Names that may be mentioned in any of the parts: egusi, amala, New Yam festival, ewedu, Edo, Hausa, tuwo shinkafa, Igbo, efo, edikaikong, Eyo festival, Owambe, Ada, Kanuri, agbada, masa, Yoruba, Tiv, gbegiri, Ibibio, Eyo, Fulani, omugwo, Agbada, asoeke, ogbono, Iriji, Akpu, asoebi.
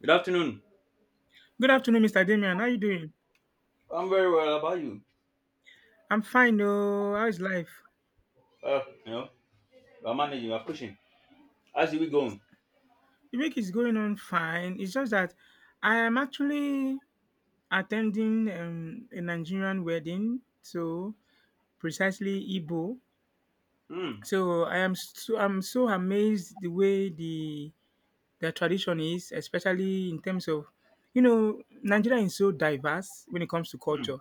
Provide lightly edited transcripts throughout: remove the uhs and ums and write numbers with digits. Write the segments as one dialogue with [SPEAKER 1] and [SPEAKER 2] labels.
[SPEAKER 1] Good afternoon.
[SPEAKER 2] Good afternoon, Mr. Damian. How you doing?
[SPEAKER 1] I'm very well. How about you?
[SPEAKER 2] I'm fine, oh. How is life?
[SPEAKER 1] Uh, you know, I'm managing. I'm pushing. How's the week going?
[SPEAKER 2] The week is going on fine. It's just that I am actually attending a Nigerian wedding, so precisely Igbo.
[SPEAKER 1] Hmm.
[SPEAKER 2] I'm so amazed the way the tradition is, especially in terms of you know Nigeria is so diverse when it comes to
[SPEAKER 1] Hmm.
[SPEAKER 2] culture.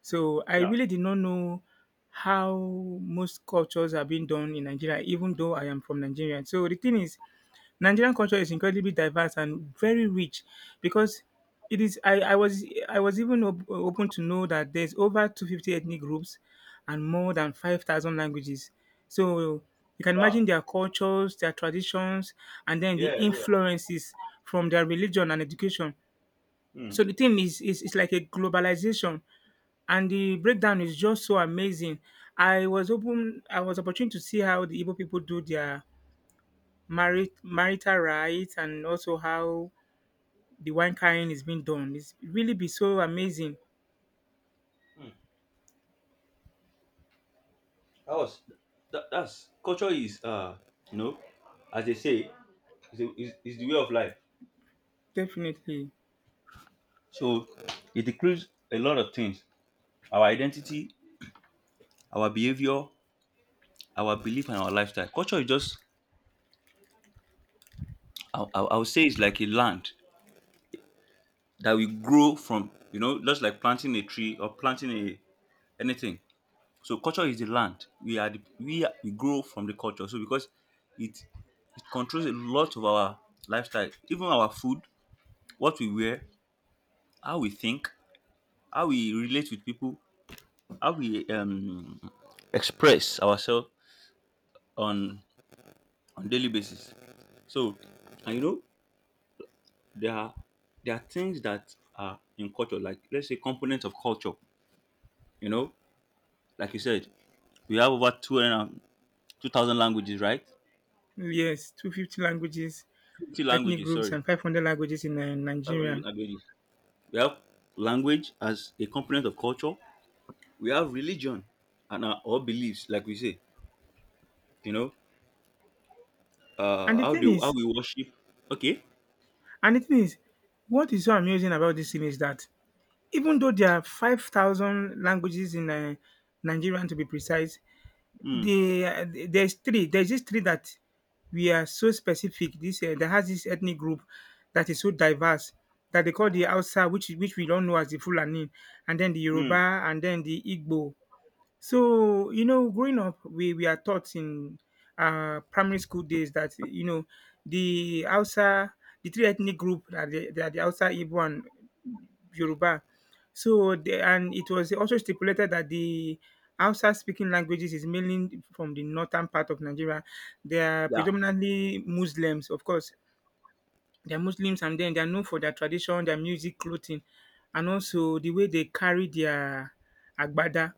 [SPEAKER 2] So I
[SPEAKER 1] Yeah.
[SPEAKER 2] really did not know how most cultures are being done in Nigeria, even though I am from Nigeria. So the thing is, Nigerian culture is incredibly diverse and very rich because it is. I was even open to know that there's over 250 ethnic groups and more than 5,000 languages. So you can imagine
[SPEAKER 1] Wow.
[SPEAKER 2] their cultures, their traditions, and then the
[SPEAKER 1] Yeah. Yeah.
[SPEAKER 2] influences from their religion and education.
[SPEAKER 1] Hmm.
[SPEAKER 2] So the thing is it's like a globalization and the breakdown is just so amazing. I was opportune to see how the Igbo people do their marital rights and also how the wine carrying is being done. It's really be so amazing.
[SPEAKER 1] Hmm. That was that's culture is, you know as they say, is the way of life.
[SPEAKER 2] Definitely.
[SPEAKER 1] So it includes a lot of things: our identity, our behavior, our belief, and our lifestyle. Culture is just I would say it's like a land that we grow from. You know, just like planting a tree or planting a anything. So culture is the land. We are the, we are, we grow from the culture. So because it it controls a lot of our lifestyle, even our food, what we wear, how we think, how we relate with people, how we express ourselves on on daily basis. So and there are there are things that are in culture, like let's say components of culture. You know, like you said, we have over two hundred and two thousand languages, right?
[SPEAKER 2] Yes, 250 languages,
[SPEAKER 1] 50
[SPEAKER 2] ethnic
[SPEAKER 1] languages,
[SPEAKER 2] groups
[SPEAKER 1] sorry,
[SPEAKER 2] and 500 languages in
[SPEAKER 1] 500
[SPEAKER 2] Nigeria.
[SPEAKER 1] languages. We have language as a component of culture. We have religion and our beliefs, like we say, you know,
[SPEAKER 2] And the
[SPEAKER 1] how they
[SPEAKER 2] thing
[SPEAKER 1] how
[SPEAKER 2] is,
[SPEAKER 1] we worship. Okay.
[SPEAKER 2] and the thing is, what is so amusing about this thing is that even though there are 5,000 languages in Nigerian to be precise,
[SPEAKER 1] Hmm.
[SPEAKER 2] the there's this three that we are so specific this that has this ethnic group that is so diverse that they call the Hausa, which is- which we don't know as the Fulani, and then the
[SPEAKER 1] Hmm.
[SPEAKER 2] Yoruba, and then the Igbo. So, you know, growing up, we are taught in primary school days that, you know, the Hausa, the three ethnic group, that the Hausa, Igbo, and Yoruba. So, the, and it was also stipulated that the Hausa speaking languages is mainly from the northern part of Nigeria. They are
[SPEAKER 1] Yeah.
[SPEAKER 2] predominantly Muslims, of course. They're Muslims and then they're known for their tradition, their music, clothing, and also the way they carry their agbada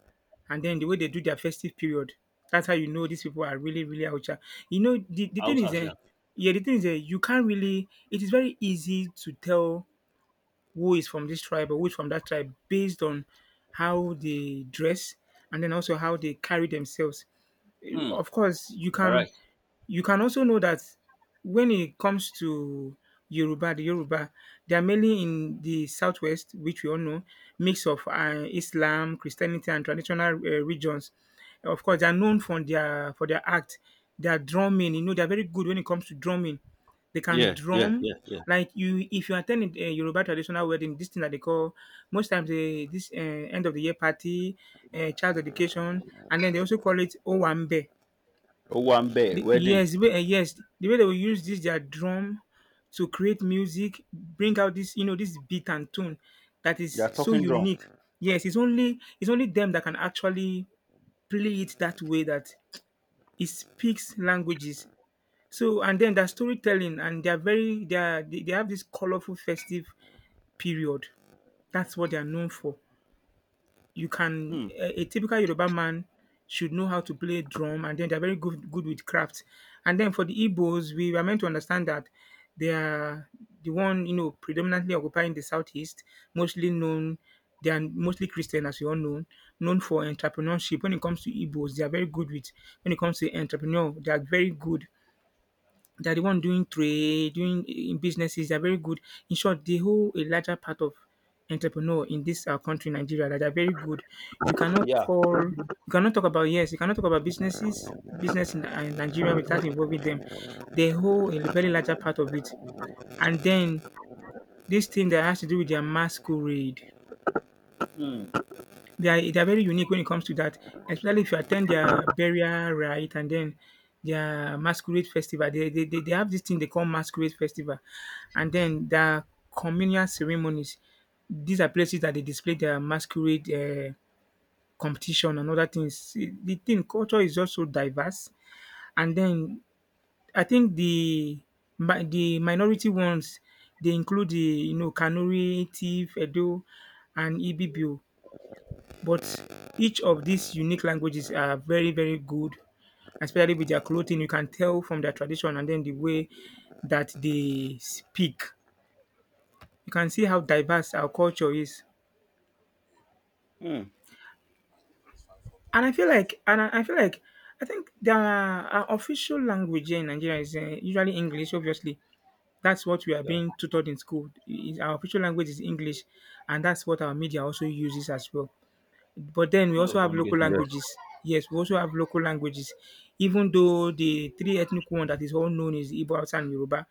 [SPEAKER 2] and then the way they do their festive period. That's how you know these people are really, really Hausa. You know, the thing is,
[SPEAKER 1] Houses.
[SPEAKER 2] eh,
[SPEAKER 1] Yeah.
[SPEAKER 2] yeah, the thing is, you can't really, it is very easy to tell who is from this tribe or who is from that tribe based on how they dress and then also how they carry themselves.
[SPEAKER 1] Hmm.
[SPEAKER 2] Of course you
[SPEAKER 1] All
[SPEAKER 2] can,
[SPEAKER 1] right.
[SPEAKER 2] you can also know that when it comes to Yoruba, the Yoruba, they are mainly in the southwest, which we all know, mix of Islam, Christianity, and traditional regions. Of course, they are known for their act, their drumming. You know, they are very good when it comes to drumming. They can
[SPEAKER 1] Yeah. Yeah.
[SPEAKER 2] drum
[SPEAKER 1] Yeah. Yeah.
[SPEAKER 2] like, you if you attend a Yoruba traditional wedding, this thing that they call most times eh, this end of the year party, child education, and then they also call it Owambe.
[SPEAKER 1] Oh, one bear
[SPEAKER 2] The,
[SPEAKER 1] wedding.
[SPEAKER 2] yes, the way they will use this their drum to create music, bring out this, you know, this beat and tone that
[SPEAKER 1] They
[SPEAKER 2] is
[SPEAKER 1] are
[SPEAKER 2] so
[SPEAKER 1] talking drum.
[SPEAKER 2] unique. Yes, it's only them that can actually play it that way, that it speaks languages. So, and then their storytelling, and they are very, they are they have this colorful festive period. That's what they are known for. You can
[SPEAKER 1] Hmm.
[SPEAKER 2] a, a typical Yoruba man should know how to play drum, and then they're very good with craft. And then for the Igbos, we were meant to understand that they are the one, you know, predominantly occupying the southeast, mostly known, they are mostly Christian, as you all know, known for entrepreneurship. When it comes to Igbos, they are very good with, when it comes to entrepreneur, they are very good, they are the one doing trade, doing in businesses. They are very good. In short, they hold a larger part of entrepreneur in this our country, Nigeria. That are very good. You cannot
[SPEAKER 1] Yeah.
[SPEAKER 2] call. You cannot talk about, yes. You cannot talk about businesses, business in Nigeria without involving them. They hold a very larger part of it. And then this thing that has to do with their masquerade.
[SPEAKER 1] Hmm.
[SPEAKER 2] They are very unique when it comes to that, especially if you attend their burial rite and then their masquerade festival. They have this thing they call masquerade festival, and then their communal ceremonies. These are places that they display their masquerade competition and other things. The thing, culture is also diverse, and then I think the the minority ones, they include the, you know, Kanuri, Tiv, Edo, and Ibibio. But each of these unique languages are very, very good, especially with their clothing. You can tell from their tradition and then the way that they speak. You can see how diverse our culture is.
[SPEAKER 1] Hmm.
[SPEAKER 2] And I feel like, I think the, our official language here in Nigeria is usually English. Obviously, that's what we are
[SPEAKER 1] Yeah.
[SPEAKER 2] being tutored in school. Is- our official language is English, and that's what our media also uses as well. But then we
[SPEAKER 1] Mode
[SPEAKER 2] also
[SPEAKER 1] of
[SPEAKER 2] have local
[SPEAKER 1] communication. Yes.
[SPEAKER 2] languages. Yes, we also have local languages. Even though the three ethnic one that is all known is Igbo, Hausa, and Yoruba,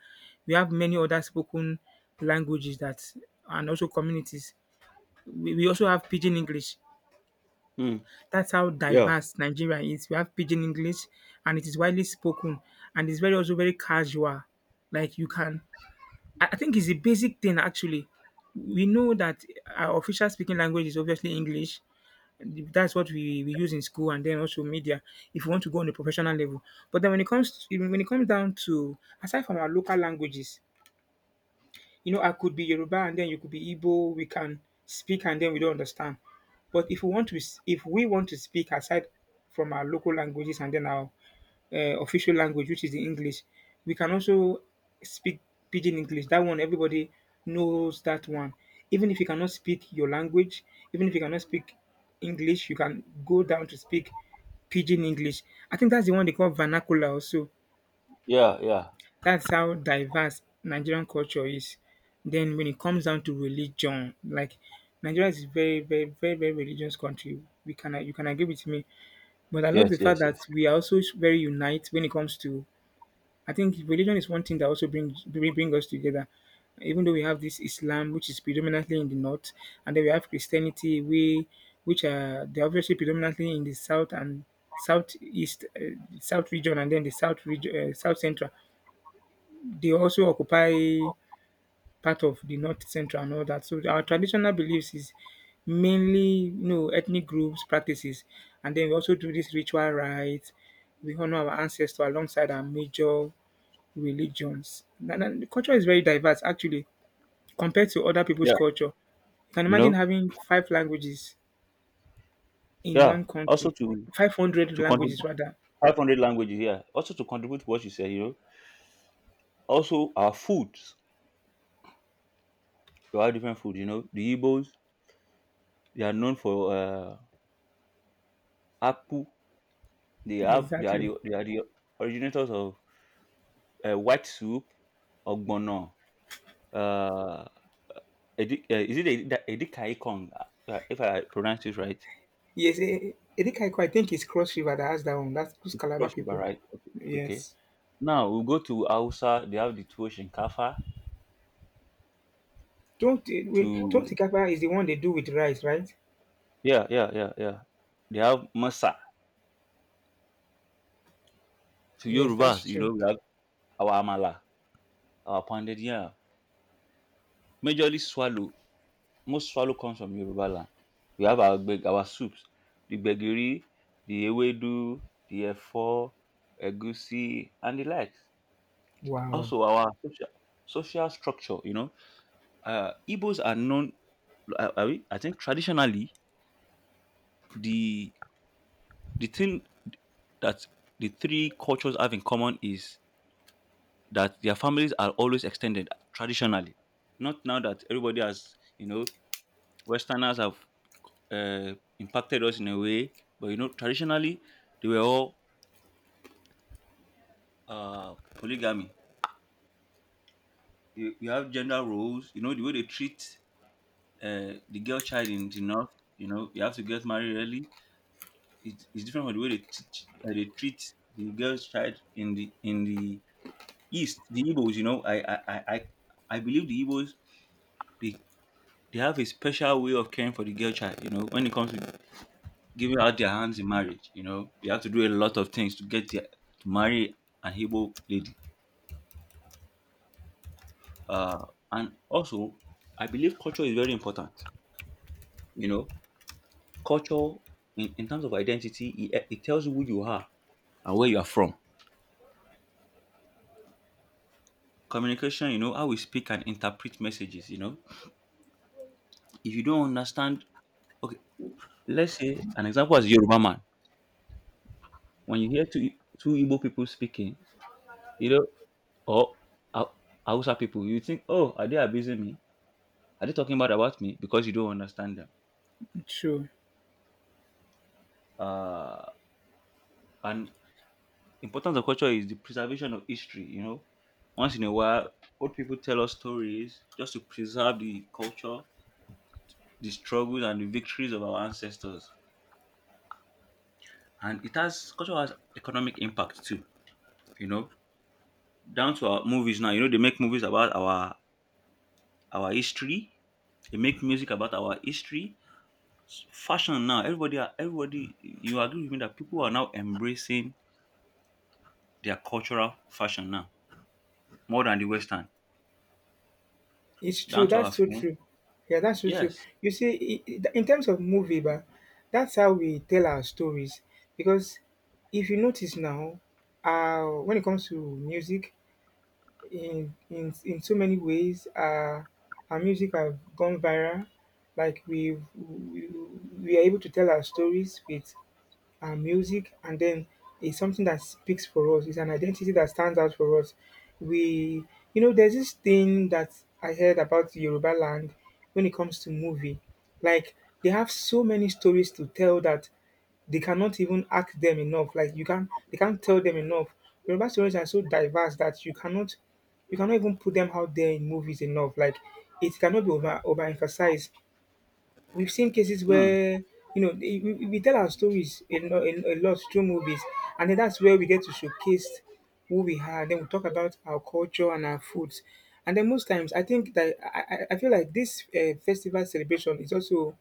[SPEAKER 2] we have many other spoken languages that, and also communities. We also have Pidgin English.
[SPEAKER 1] Hmm.
[SPEAKER 2] That's how
[SPEAKER 1] Yeah.
[SPEAKER 2] diverse Nigeria is. We have Pidgin English, and it is widely spoken, and it's very also very casual. Like you can, I think it's a basic thing actually. We know that our official speaking language is obviously English, that's what we use in school and then also media if you want to go on a professional level. But then when it comes to, when it comes down to, aside from our local languages, you know, I could be Yoruba and then you could be Igbo. We can speak and then we don't understand. But if we want to, if we want to speak aside from our local languages and then our official language, which is the English, we can also speak Pidgin English. That one, everybody knows that one. Even if you cannot speak your language, even if you cannot speak English, you can go down to speak Pidgin English. I think that's the one they call vernacular also.
[SPEAKER 1] Yeah. Yeah.
[SPEAKER 2] That's how diverse Nigerian culture is. Then when it comes down to religion, like, Nigeria is a very, very, very, very religious country. We can, you can agree with me, but I love the
[SPEAKER 1] Yes.
[SPEAKER 2] fact
[SPEAKER 1] Yes.
[SPEAKER 2] that
[SPEAKER 1] Yes.
[SPEAKER 2] we are also very unite when it comes to. I think religion is one thing that also bring us together. Even though we have this Islam, which is predominantly in the north, and then we have Christianity, we which are, they're obviously predominantly in the south and southeast, south region, and then the south region, south central, they also occupy part of the north, central, and all that. So our traditional beliefs is mainly, you know, ethnic groups practices, and then we also do this ritual rites. We honor our ancestors alongside our major religions. And the culture is very diverse actually compared to other people's
[SPEAKER 1] Yeah.
[SPEAKER 2] culture. You can
[SPEAKER 1] You
[SPEAKER 2] imagine
[SPEAKER 1] know.
[SPEAKER 2] having five languages in
[SPEAKER 1] Yeah.
[SPEAKER 2] one
[SPEAKER 1] Also
[SPEAKER 2] country,
[SPEAKER 1] to
[SPEAKER 2] 500
[SPEAKER 1] to contribute
[SPEAKER 2] languages rather.
[SPEAKER 1] 500 languages here. Also to contribute to what you said, also our foods. We have different food. The Igbos, they are known for Akpu. They are
[SPEAKER 2] Exactly.
[SPEAKER 1] the, they are the originators of white soup, ogbono, uh, is it edikaikong Kong? If I pronounce it right,
[SPEAKER 2] Yes, Erika Eko, I think it's Cross River that has that one. That's those
[SPEAKER 1] it's
[SPEAKER 2] Calabar
[SPEAKER 1] Cross River,
[SPEAKER 2] people.
[SPEAKER 1] right? Okay, okay.
[SPEAKER 2] Yes.
[SPEAKER 1] Now we go to Hausa. They have the tuwo shinkafa.
[SPEAKER 2] Tuwon wait, tuwon
[SPEAKER 1] To
[SPEAKER 2] shinkafa is the one they do with rice, right?
[SPEAKER 1] Yeah, yeah, yeah, yeah. They have masa. To
[SPEAKER 2] Yes,
[SPEAKER 1] Yorubas,
[SPEAKER 2] that's true.
[SPEAKER 1] we have our amala. Our pounded, yeah. Majorly swallow. Most swallow comes from Yoruba land. We have our soups, the gbegiri, the ewedu, the efo, egusi, and the likes.
[SPEAKER 2] Wow,
[SPEAKER 1] Also, our social structure. You know, Igbos are known. I think traditionally, the the thing that the three cultures have in common is that their families are always extended. Traditionally, not now that everybody has, Westerners have uh, impacted us in a way. But traditionally, they were all polygamy. You have gender roles. You know the way they treat the girl child in the north. You know you have to get married early. It's different from the way they treat the girl child in the east. The Igbos, you know, I believe the Igbos they they have a special way of caring for the girl child. You know when it comes to giving out their hands in marriage. You know, they have to do a lot of things to marry an Igbo lady. Uh, and also, I believe culture is very important. You know, culture in terms of identity, it tells you who you are and where you are from. Communication, how we speak and interpret messages. If you don't understand, okay, let's say an example as Yoruba man. When you hear two Igbo people speaking, you know, or Hau- Hausa people, you think, oh, are they abusing me? Are they talking bad about me because you don't understand them?
[SPEAKER 2] true.
[SPEAKER 1] Uh, and importance of culture is the preservation of history. You know, once in a while, old people tell us stories just to preserve the culture, the struggles, and the victories of our ancestors. And it has culture has economic impact too. You know, down to our movies now. You know, they make movies about our history. They make music about our history. Fashion now, you agree with me that people are now embracing their cultural fashion now, more than the Western,
[SPEAKER 2] It's true.
[SPEAKER 1] down to our
[SPEAKER 2] That's so
[SPEAKER 1] film.
[SPEAKER 2] true. Yeah, that's so true.
[SPEAKER 1] Yes.
[SPEAKER 2] You see, in terms of movie, but that's how we tell our stories. Because if you notice now, when it comes to music, in so many ways, our music have gone viral. Like we've, we we are able to tell our stories with our music, and then it's something that speaks for us, it's an identity that stands out for us. We You know, there's this thing that I heard about Yoruba land. When it comes to movie, like, they have so many stories to tell that they cannot even ask them enough. Like, you can, they can't tell them enough. Yoruba stories are so diverse that you cannot, you cannot even put them out there in movies enough. Like, it cannot be overemphasized. We've seen cases
[SPEAKER 1] Mm.
[SPEAKER 2] where, you know, we tell our stories a lot through movies, and then that's where we get to showcase who we are. Then we talk about our culture and our foods, and then most times I think that, I feel like this festival celebration is also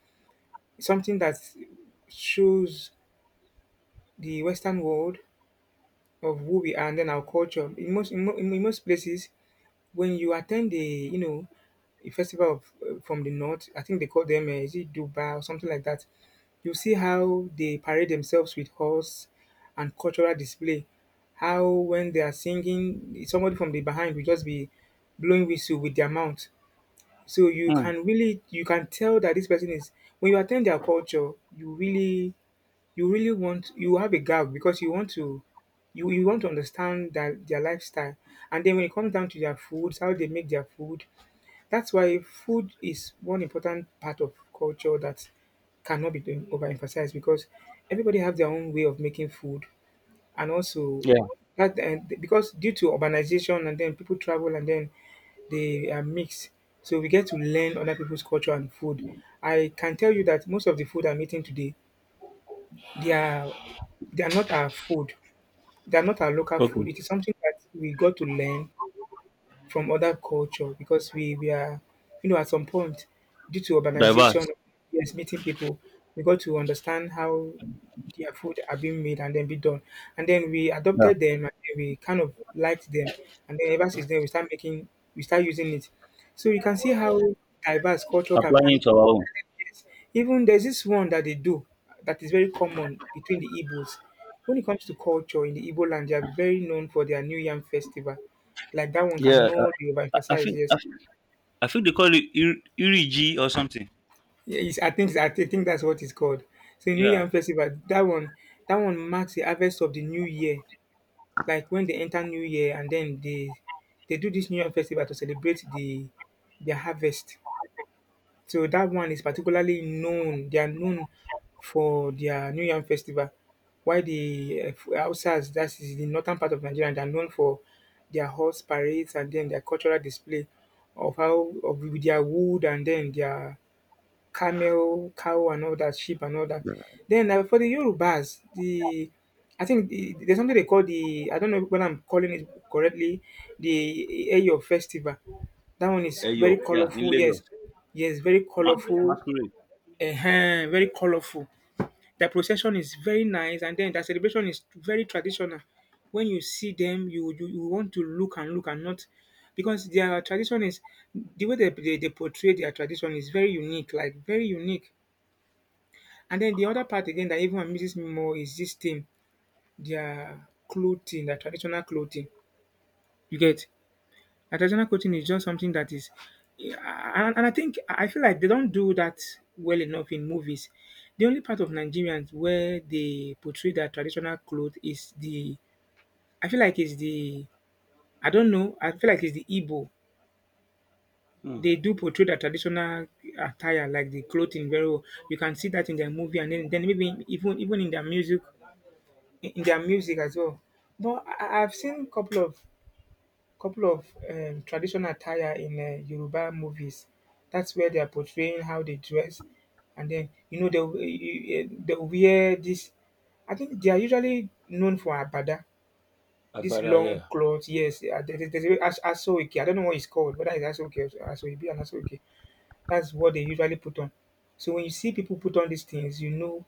[SPEAKER 2] something that shows the Western world of who we are and then our culture. In most places, when you attend a a festival of, from the north, I think they call them is it Dubai or something like that. You see how they parade themselves with horse and cultural display. How when they are singing, somebody from the behind will just be blowing whistle with their mouth. So
[SPEAKER 1] Mm.
[SPEAKER 2] you can tell that this person is. When you attend their culture, you really want you have a gap because you want to understand that their lifestyle. And then when it comes down to their foods, how they make their food, that's why food is one important part of culture that cannot be overemphasized because everybody have their own way of making food and also
[SPEAKER 1] Yeah.
[SPEAKER 2] that and because due to urbanization and then people travel and then they are mixed. So we get to learn other people's culture and food. I can tell you that most of the food I'm eating today, they are they are not our food. They are not our local
[SPEAKER 1] Okay.
[SPEAKER 2] food. It is something that we got to learn from other culture because we are at some point due to urbanization,
[SPEAKER 1] Diverse.
[SPEAKER 2] yes, meeting people, we got to understand how their food are being made and then be done, and then we
[SPEAKER 1] Yeah.
[SPEAKER 2] adopted them and then we kind of liked them, and then ever since then we start using it. So you can see how diverse culture can
[SPEAKER 1] Applying
[SPEAKER 2] be.
[SPEAKER 1] to our own.
[SPEAKER 2] Even there's this one that they do that is very common between the Igbos. When it comes to culture in the Igbo land, they are very known for their New Yam festival. Like that one
[SPEAKER 1] Yeah.
[SPEAKER 2] cannot be
[SPEAKER 1] I, I
[SPEAKER 2] overemphasized.
[SPEAKER 1] think
[SPEAKER 2] Yes.
[SPEAKER 1] I, think- I think they call it Iriji or something.
[SPEAKER 2] Yeah, it's, I think that's what it's called. So New
[SPEAKER 1] Yeah.
[SPEAKER 2] Yam festival, that one marks the harvest of the new year. Like when they enter New Year, and then they do this New Yam festival to celebrate the their harvest. So dat one is particularly known, they are known for their new yam festival, while the Hausas, dat is the northern part of Nigeria, they are known for their horse parades and den their cultural display of how of their wood and den their camel, cow, and all that, sheep, and all that. Then for the Yorubas, there's something they call the, I don't know whether I'm calling it correctly, the Eyo festival. That one is
[SPEAKER 1] Eyo.
[SPEAKER 2] very
[SPEAKER 1] Yeah, in
[SPEAKER 2] colorful. Yes,
[SPEAKER 1] Lagos.
[SPEAKER 2] yes, very
[SPEAKER 1] Ma-
[SPEAKER 2] colorful.
[SPEAKER 1] Masquerade.
[SPEAKER 2] Very colorful. The procession is very nice, and then the celebration is very traditional. When you see them, you want to look and look and not, because their tradition is the way they portray their tradition is very unique, like very unique. And then the other part again that even amazes me more is this thing, their clothing, their traditional clothing. You get Their traditional clothing is just something that is, yeah, and I think I feel like they don't do that well enough in movies. The only part of Nigerians where they portray their traditional clothes is the, I feel like it's the, I don't know, I feel like it's the Igbo.
[SPEAKER 1] Mm.
[SPEAKER 2] They do portray their traditional attire, like the clothing, very well. You can see that in their movie, and then maybe even in their music, in their music as well. But I've seen couple of traditional attire in Yoruba movies. That's where they are portraying how they dress, and then you know they will- they will wear this. I think they are usually known for abada, this
[SPEAKER 1] Agbada.
[SPEAKER 2] long
[SPEAKER 1] Yeah.
[SPEAKER 2] cloth. Yes, eh, there's a asoeke. I don't know what it's called, whether it's asoeke or asoebi and asoeke. That's what they usually put on. So when you see people put on these things, you know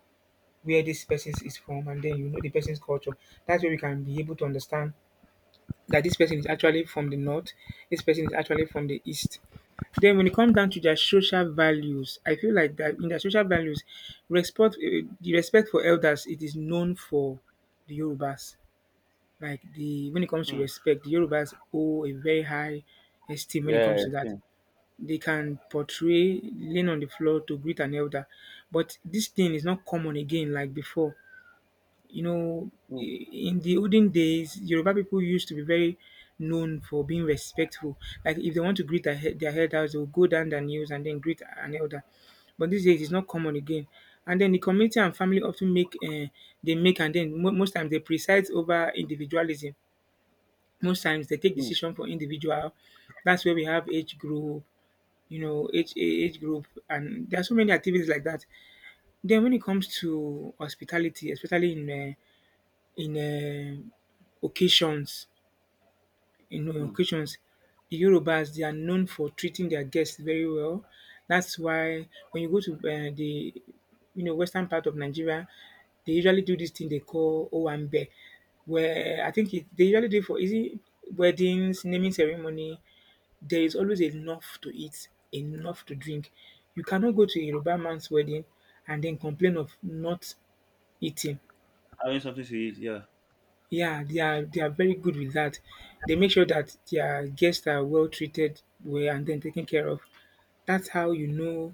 [SPEAKER 2] where this person is from and then you know the person's culture. That's where we can be able to understand that this person is actually from the north, this person is actually from the east. Then when it comes down to their social values, I feel like that in their social values, respect the respect for elders, it is known for the Yorubas. Like the when it comes to
[SPEAKER 1] Mm.
[SPEAKER 2] respect, the Yorubas owe a very high esteem when it
[SPEAKER 1] Yeah.
[SPEAKER 2] comes to that.
[SPEAKER 1] Thing.
[SPEAKER 2] They can portray laying on the floor to greet an elder, but this thing is not common again like before. You know,
[SPEAKER 1] Mm.
[SPEAKER 2] in the olden days, Yoruba people used to be very known for being respectful. Like if they want to greet their elders, they will go down their knees and then greet an elder. But these days, it's not common again. And then the community and family often make and then most times they preside over individualism. Most times they take
[SPEAKER 1] Mm.
[SPEAKER 2] decision for individual. That's where we have age group, you know, age group, and there are so many activities like that. Then when it comes to hospitality, especially in in um occasions. In
[SPEAKER 1] Mm.
[SPEAKER 2] occasions, the Yorubas, they are known for treating their guests very well. That's why when you go to the western part of Nigeria, they usually do this thing they call Owambe, where I think they usually do it for easy weddings, naming ceremony. There is always enough to eat, enough to drink. You cannot go to a Yoruba man's wedding and then complain of not eating.
[SPEAKER 1] Having something to eat. Yeah.
[SPEAKER 2] Yeah, they are very good with that. They make sure that their guests are well treated, well and then taken care of. That's how you know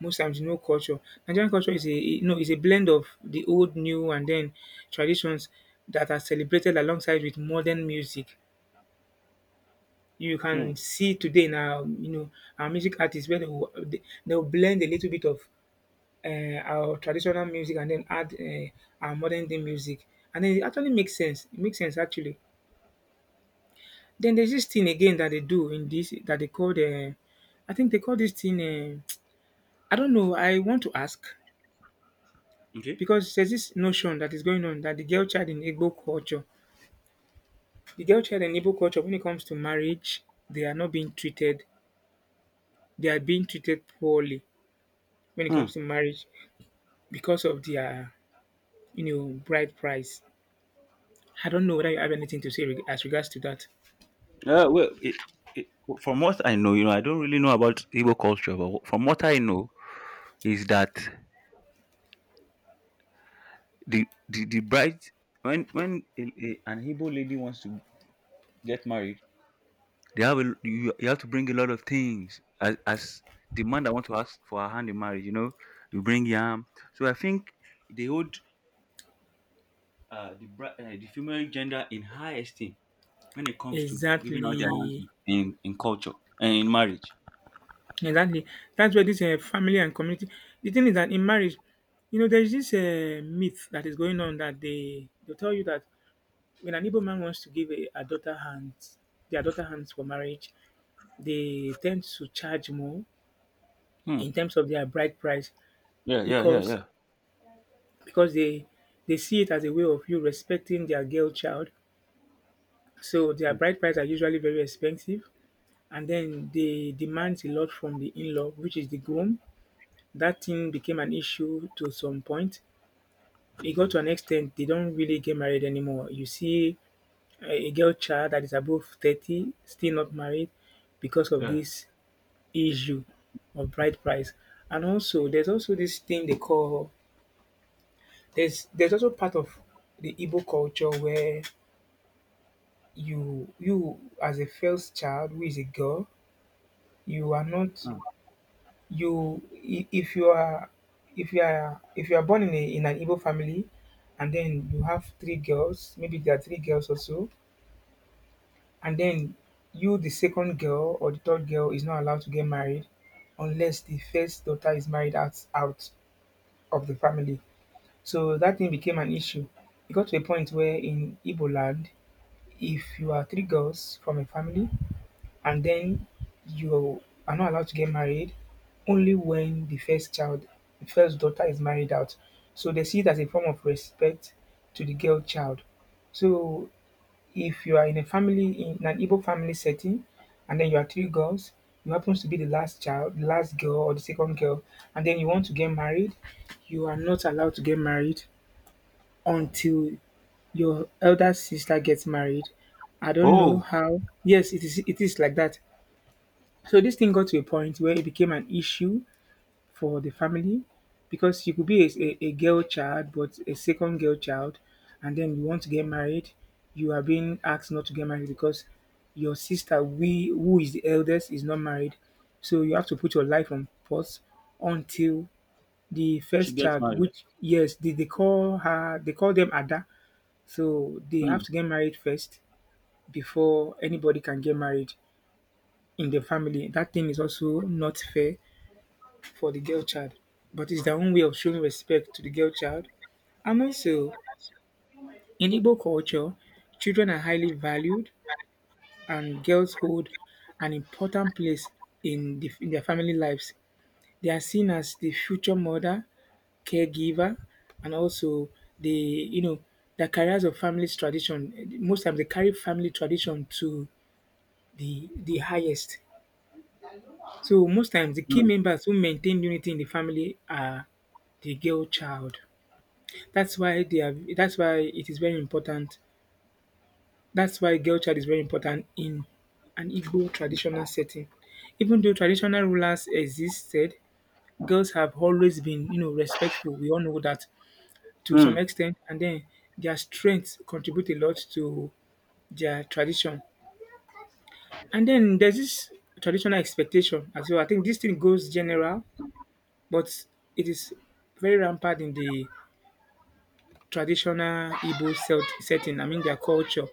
[SPEAKER 2] most times you know culture. Nigerian culture is a, you know, is a blend of the old, new, and then traditions that are celebrated alongside with modern music. You
[SPEAKER 1] Mm.
[SPEAKER 2] can see today now, you know, our music artists where they'll blend a little bit of our traditional music and then add our modern day music, and then it actually makes sense. It makes sense actually. Then there's this thing again that they do in this that they call the, I think they call this thing. Uh, I don't know. I want to ask
[SPEAKER 1] Okay.
[SPEAKER 2] because there's this notion that is going on that the girl child in Igbo culture, when it comes to marriage, they are not being treated. They are being treated poorly when it comes
[SPEAKER 1] Hmm.
[SPEAKER 2] to marriage because of their, you know, bride price. I don't know whether you have anything to say as regards to that.
[SPEAKER 1] Yeah, well, it, from what I know, I don't really know about Igbo culture, but from what I know is that the bride when an Igbo lady wants to get married, you have to bring a lot of things as the man that want to ask for her hand in marriage. You know, you bring yam. So I think they hold the female gender in high esteem when it comes to giving out their hands
[SPEAKER 2] Exactly.
[SPEAKER 1] in culture and in marriage.
[SPEAKER 2] Exactly. That's where this family and community. The thing is that in marriage, you know, there is this myth that is going on that they tell you that when an Igbo man wants to give a daughter hands, their daughter hands for marriage, they tend to charge more
[SPEAKER 1] Hmm.
[SPEAKER 2] in terms of their bride price,
[SPEAKER 1] Yeah, yeah, yeah,
[SPEAKER 2] because
[SPEAKER 1] yeah,
[SPEAKER 2] because they they see it as a way of you respecting their girl child. So their bride price are usually very expensive, and then they demand a lot from the in-law, which is the groom. That thing became an issue to some point. It got to an extent they don't really get married anymore. You see a girl child that is above 30 still not married because of
[SPEAKER 1] yeah.
[SPEAKER 2] this issue of bride price. And also there's also this thing they call there's also part of the Igbo culture where you as a first child who is a girl, you are not
[SPEAKER 1] Hmm.
[SPEAKER 2] you I- if you are if you are born in a in an Igbo family and then you have three girls, maybe there are three girls or so, and then you the second girl or the third girl is not allowed to get married unless the first daughter is married out of the family. So that thing became an issue. It got to a point where in Igbo land, if you are three girls from a family and then you are not allowed to get married, only when the first child, the first daughter is married out. So they see it as a form of respect to the girl child. So if you are in an Igbo family setting and then you are three girls, you happens to be the last child, the last girl or the second girl, and then you want to get married, you are not allowed to get married until your elder sister gets married. I don't know
[SPEAKER 1] Oh,
[SPEAKER 2] how. Yes, it is. It is like that. So this thing got to a point where it became an issue for the family, because you could be a girl child, but a second girl child, and then you want to get married. You are being asked not to get married because your sister, we who is the eldest, is not married. So you have to put your life on pause until the
[SPEAKER 1] she
[SPEAKER 2] first
[SPEAKER 1] gets
[SPEAKER 2] child,
[SPEAKER 1] married.
[SPEAKER 2] which, yes, they call them Ada. So they have
[SPEAKER 1] Hmm.
[SPEAKER 2] to get married first before anybody can get married in the family. That thing is also not fair for the girl child, but it's their own way of showing respect to the girl child. And also, in Igbo culture, children are highly valued and girls hold an important place in their family lives. They are seen as the future mother, caregiver, and also the, you know, the carriers of family's tradition. Most times they carry family tradition to the highest. So most times the key
[SPEAKER 1] Hmm.
[SPEAKER 2] members who maintain unity in the family are the girl child. That's why it is very important. That's why girl child is very important in an Igbo traditional setting. Even though traditional rulers existed, girls have always been respectful. We all know that, to some
[SPEAKER 1] Hmm.
[SPEAKER 2] extent, and then their strength contribute a lot to their tradition. And then there's this traditional expectation as well. I think this thing goes general, but it is very rampant in the traditional Igbo setting, I mean their culture.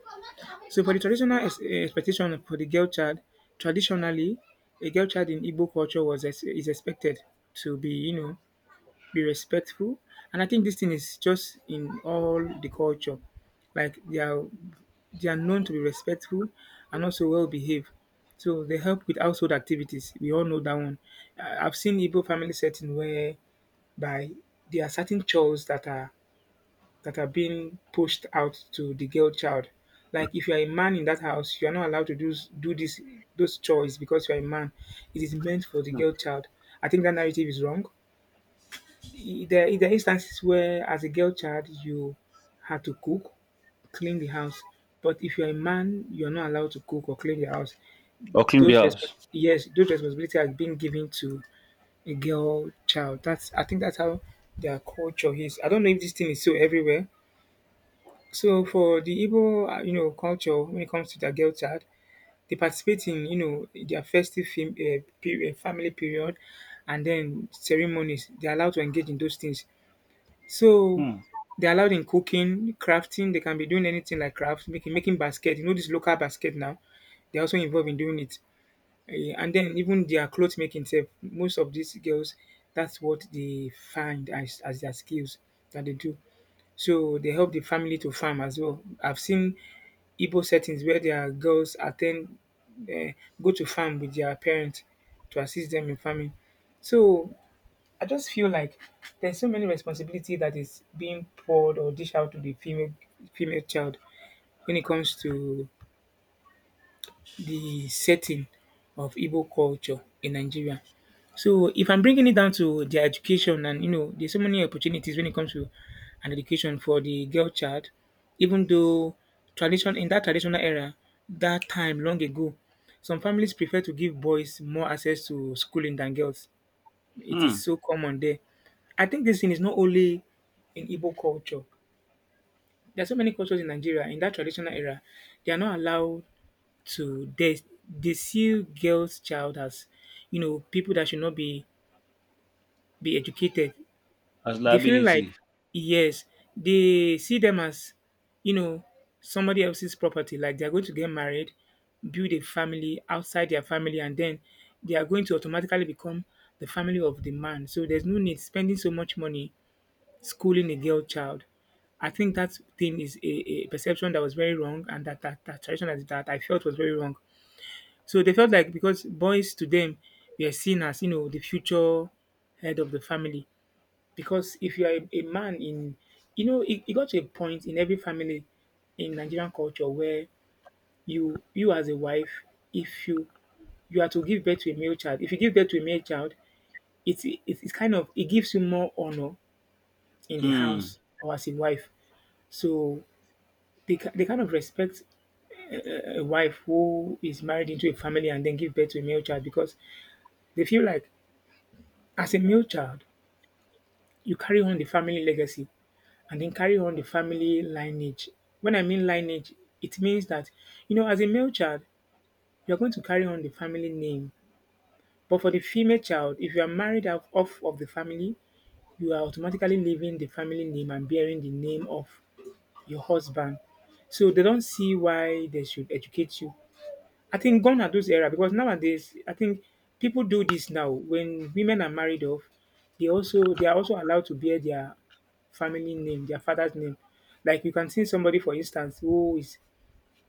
[SPEAKER 2] So for the traditional expectation for the girl child, traditionally, a girl child in Igbo culture is expected to be respectful. And I think this thing is just in all the culture. Like, they are known to be respectful and also well behaved. So they help with household activities. We all know that one. I've seen Igbo family setting where by there are certain chores that are being pushed out to the girl child. Like, if you are a man in that house, you are not allowed to do this those chores because you are a man. It is meant for the girl child. I think that narrative is wrong. There are instances where, as a girl child, you had to cook, clean the house. But if you're a man, you're not allowed to cook or clean the house.
[SPEAKER 1] Or clean the house.
[SPEAKER 2] Yes, those responsibilities are being given to a girl child. That's I think that's how their culture is. I don't know if this thing is so everywhere. So for the Igbo culture, when it comes to their girl child, they participate in their festive family period, and then ceremonies. They're allowed to engage in those things. So
[SPEAKER 1] Hmm.
[SPEAKER 2] they're allowed in cooking, crafting. They can be doing anything like craft, making basket. You know this local basket now. They're also involved in doing it. And then, even their clothes making. Self, most of these girls, that's what they find as their skills that they do. So they help the family to farm as well. I've seen Igbo settings where their girls eh, go to farm with their parents to assist them in farming. So I just feel like there's so many responsibility that is being poured or dished out to the female child when it comes to the setting of Igbo culture in Nigeria. So if I'm bringing it down to their education, and, there's so many opportunities when it comes to an education for the girl child, even though tradition in that traditional era, that time long ago, some families prefer to give boys more access to schooling than girls. It
[SPEAKER 1] Hmm.
[SPEAKER 2] is so common there. I think this thing is not only in Igbo culture. There are so many cultures in Nigeria. In that traditional era, they are not allowed to, they see girls' child as, people that should not be be educated.
[SPEAKER 1] As
[SPEAKER 2] They feel
[SPEAKER 1] liability.
[SPEAKER 2] like, yes, they see them as, you know somebody else's property. Like, they are going to get married, build a family outside their family, and then they are going to automatically become the family of the man. So there's no need spending so much money schooling a girl child. I think that thing is a perception that was very wrong, and that tradition, that I felt was very wrong. So they felt like, because boys, to them, were seen as, the future head of the family. Because if you are a man in, you know, it got to a point in every family in Nigerian culture where you, as a wife, if you are to give birth to a male child, if you give birth to a male child, it's kind of it gives you more honor in the
[SPEAKER 1] Mm,
[SPEAKER 2] house or as a wife. So they kind of respect a wife who is married into a family and then give birth to a male child, because they feel like, as a male child, you carry on the family legacy and then carry on the family lineage. When I mean lineage, it means that, as a male child, you're going to carry on the family name. But for the female child, if you are married off of the family, you are automatically leaving the family name and bearing the name of your husband. So they don't see why they should educate you. I think gone are those era, because nowadays, I think people do this now. When women are married off, they are also allowed to bear their family name, their father's name. Like, you can see somebody, for instance, who is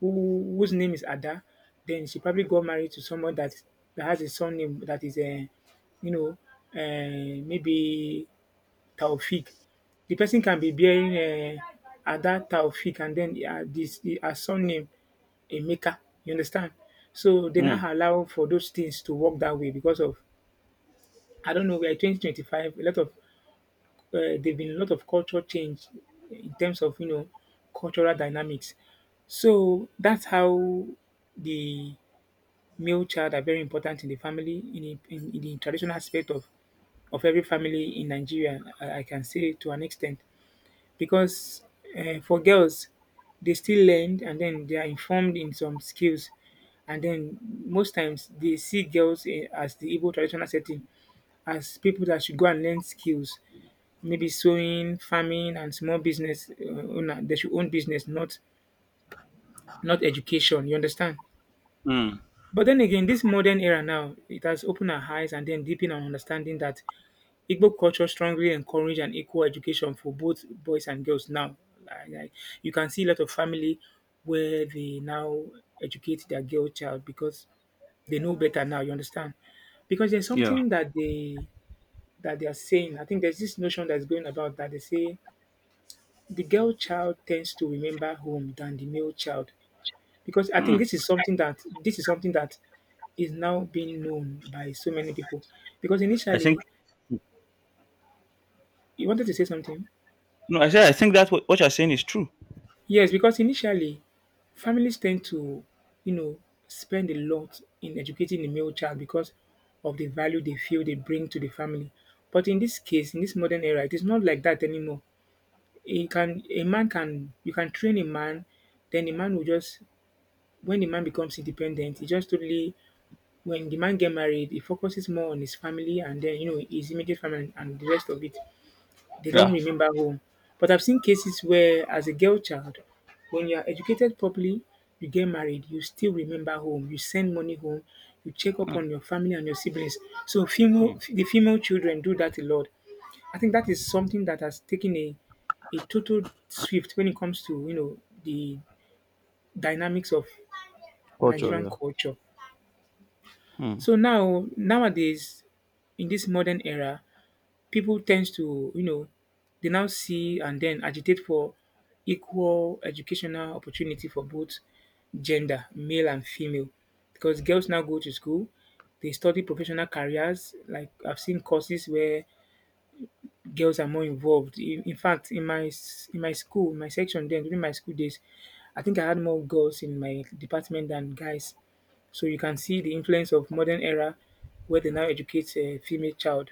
[SPEAKER 2] who whose name is Ada, then she probably got married to someone that has a surname that is a, you know, maybe Taofeeq. The person can be bearing, uh, Ada Taofeeq, and then, her surname Emeka. You understand? So they now
[SPEAKER 1] mm,
[SPEAKER 2] allow for those things to work that way, because of, I don't know, we are 2025. A lot of There've been a lot of cultural change in terms of, cultural dynamics. So that's how the male child are very important in the family, in the traditional aspect of every family in Nigeria. I can say, to an extent, because, for girls, they still learn and then they are informed in some skills. And then most times they see girls, as the Igbo traditional setting, as people that should go and learn skills, maybe sewing, farming, and small business, owner. They should own business, not education, you understand?
[SPEAKER 1] mm.
[SPEAKER 2] But then again, this modern era now, it has opened our eyes and then deepened our understanding that Igbo culture strongly encourage an equal education for both boys and girls now. Like, you can see a lot of family where they now educate their girl child, because they know better now. You understand? Because there's
[SPEAKER 1] Yeah.
[SPEAKER 2] something that they are saying. I think there's this notion that's going about, that they say the girl child tends to remember home than the male child, because I think
[SPEAKER 1] Mm.
[SPEAKER 2] this is something that is now being known by so many people. Because
[SPEAKER 1] I think
[SPEAKER 2] initially— you wanted to say something.
[SPEAKER 1] No, I said I think that what you're saying is true.
[SPEAKER 2] Yes, because initially, families tend to, you know, spend a lot in educating the male child because of the value they feel they bring to the family. But in this case, in this modern era, it is not like that anymore. It can a man can you can train a man, then the man will just when the man becomes independent, he just totally when the man get married, he focuses more on his family and then, his immediate family, and the rest of it, they don't
[SPEAKER 1] Yeah.
[SPEAKER 2] remember home. But I've seen cases where, as a girl child, when you are educated properly, you get married, you still remember home. You send money home. You check up
[SPEAKER 1] Mm,
[SPEAKER 2] on your family and your siblings. So female,
[SPEAKER 1] mm.
[SPEAKER 2] the female children do that a lot. I think that is something that has taken a total shift when it comes to, the dynamics of
[SPEAKER 1] Culture.
[SPEAKER 2] Nigerian
[SPEAKER 1] Yeah.
[SPEAKER 2] culture.
[SPEAKER 1] Mm,
[SPEAKER 2] So now, nowadays, in this modern era, people tends to, you know, they now see and then agitate for equal educational opportunity for both gender, male and female. Because girls now go to school, they study professional careers. Like, I've seen courses where girls are more involved. In fact, in my in my school, my section then, during my school days, I think I had more girls in my department than guys. So you can see the influence of modern era where they now educate a female child.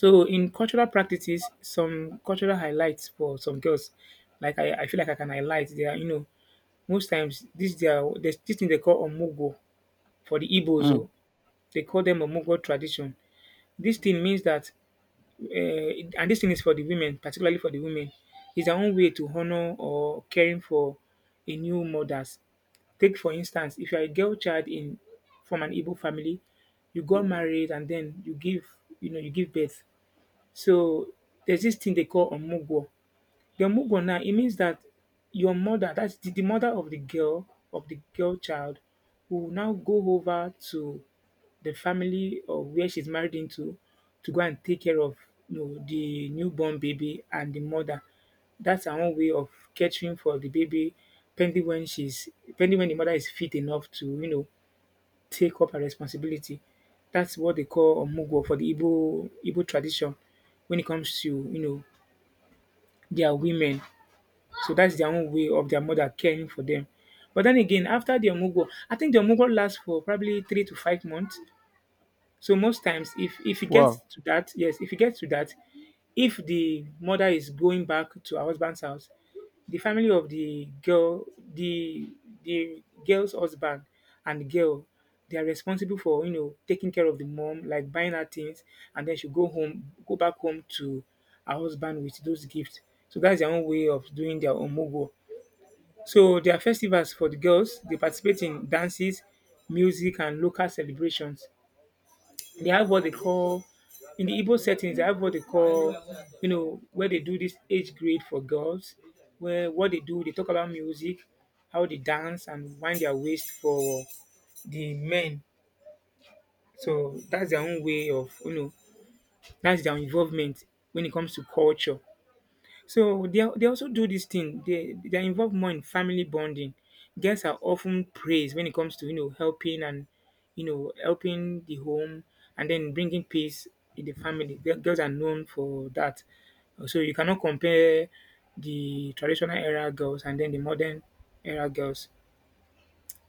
[SPEAKER 2] So in cultural practices, some cultural highlights for some girls, like I feel like I can highlight they are, most times this they there's this thing they call omugo for the Igbos,
[SPEAKER 1] mm,
[SPEAKER 2] oh, they call them omugo tradition. This thing means that and this thing is for the women, particularly for the women, is their own way to honor or caring for a new mothers. Take for instance, if you are a girl child in from an Igbo family, you got married and then you give birth, so there's this thing they call omugwo. The omugwo now, it means that your mother, that's the mother of the girl child, will now go over to the family of where she's married into to go and take care of, you know, the newborn baby and the mother. That's her own way of catering for the baby pending when she's pending when the mother is fit enough to, you know, take up her responsibility. That's what they call omugwo for the Igbo tradition when it comes to, you know, their women. So that's their own way of their mother caring for them. But then again, after the omugwo, I think the omugwo lasts for probably 3 to 5 months. So most times, if it gets
[SPEAKER 1] Wow.
[SPEAKER 2] to that, yes, if it gets to that, if the mother is going back to her husband's house, the family of the girl, the girl's husband and girl, they are responsible for, you know, taking care of the mom, like buying her things, and then she go home, go back home to her husband with those gifts. So that's their own way of doing their omogo. So there are festivals for the girls. They participate in dances, music, and local celebrations. They have what they call in the Igbo settings. They have what they call, you know, where they do this age grade for girls. Where what they do, they talk about music, how they dance and wind their waist for the men. So that's their own way of, you know, that's their involvement when it comes to culture. So they also do this thing. They are involved more in family bonding. Girls are often praised when it comes to, you know, helping and, you know, helping the home and then bringing peace in the family. Girls are known for that. So you cannot compare the traditional era girls and then the modern era girls.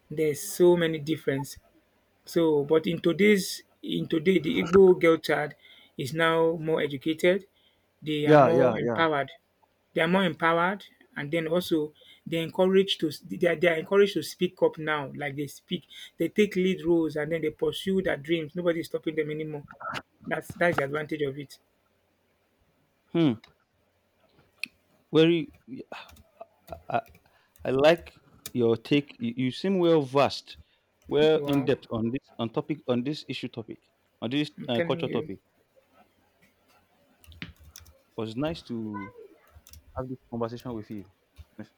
[SPEAKER 2] There's so many difference. So, but in today, the Igbo girl child is now more educated. They are
[SPEAKER 1] Yeah.
[SPEAKER 2] more empowered. They are more empowered, and then also they are encouraged to speak up now. Like they speak, they take lead roles, and then they pursue their dreams. Nobody is stopping them anymore. That's the advantage of it.
[SPEAKER 1] Hmm. Very. I, I, I like your take. You seem well versed, well in
[SPEAKER 2] Wow,
[SPEAKER 1] depth on this
[SPEAKER 2] I'm telling
[SPEAKER 1] culture
[SPEAKER 2] you.
[SPEAKER 1] topic. It was nice to have this conversation with you. Yes.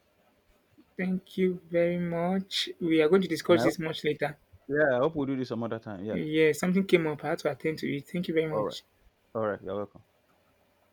[SPEAKER 2] Thank you very much. We are going to
[SPEAKER 1] and I
[SPEAKER 2] discuss this
[SPEAKER 1] hope-
[SPEAKER 2] much later.
[SPEAKER 1] yeah, I hope we will do this some other time. Yeah.
[SPEAKER 2] Yes, something came up. I had to attend to it. Thank you very
[SPEAKER 1] All right.
[SPEAKER 2] much.
[SPEAKER 1] All right. You're welcome.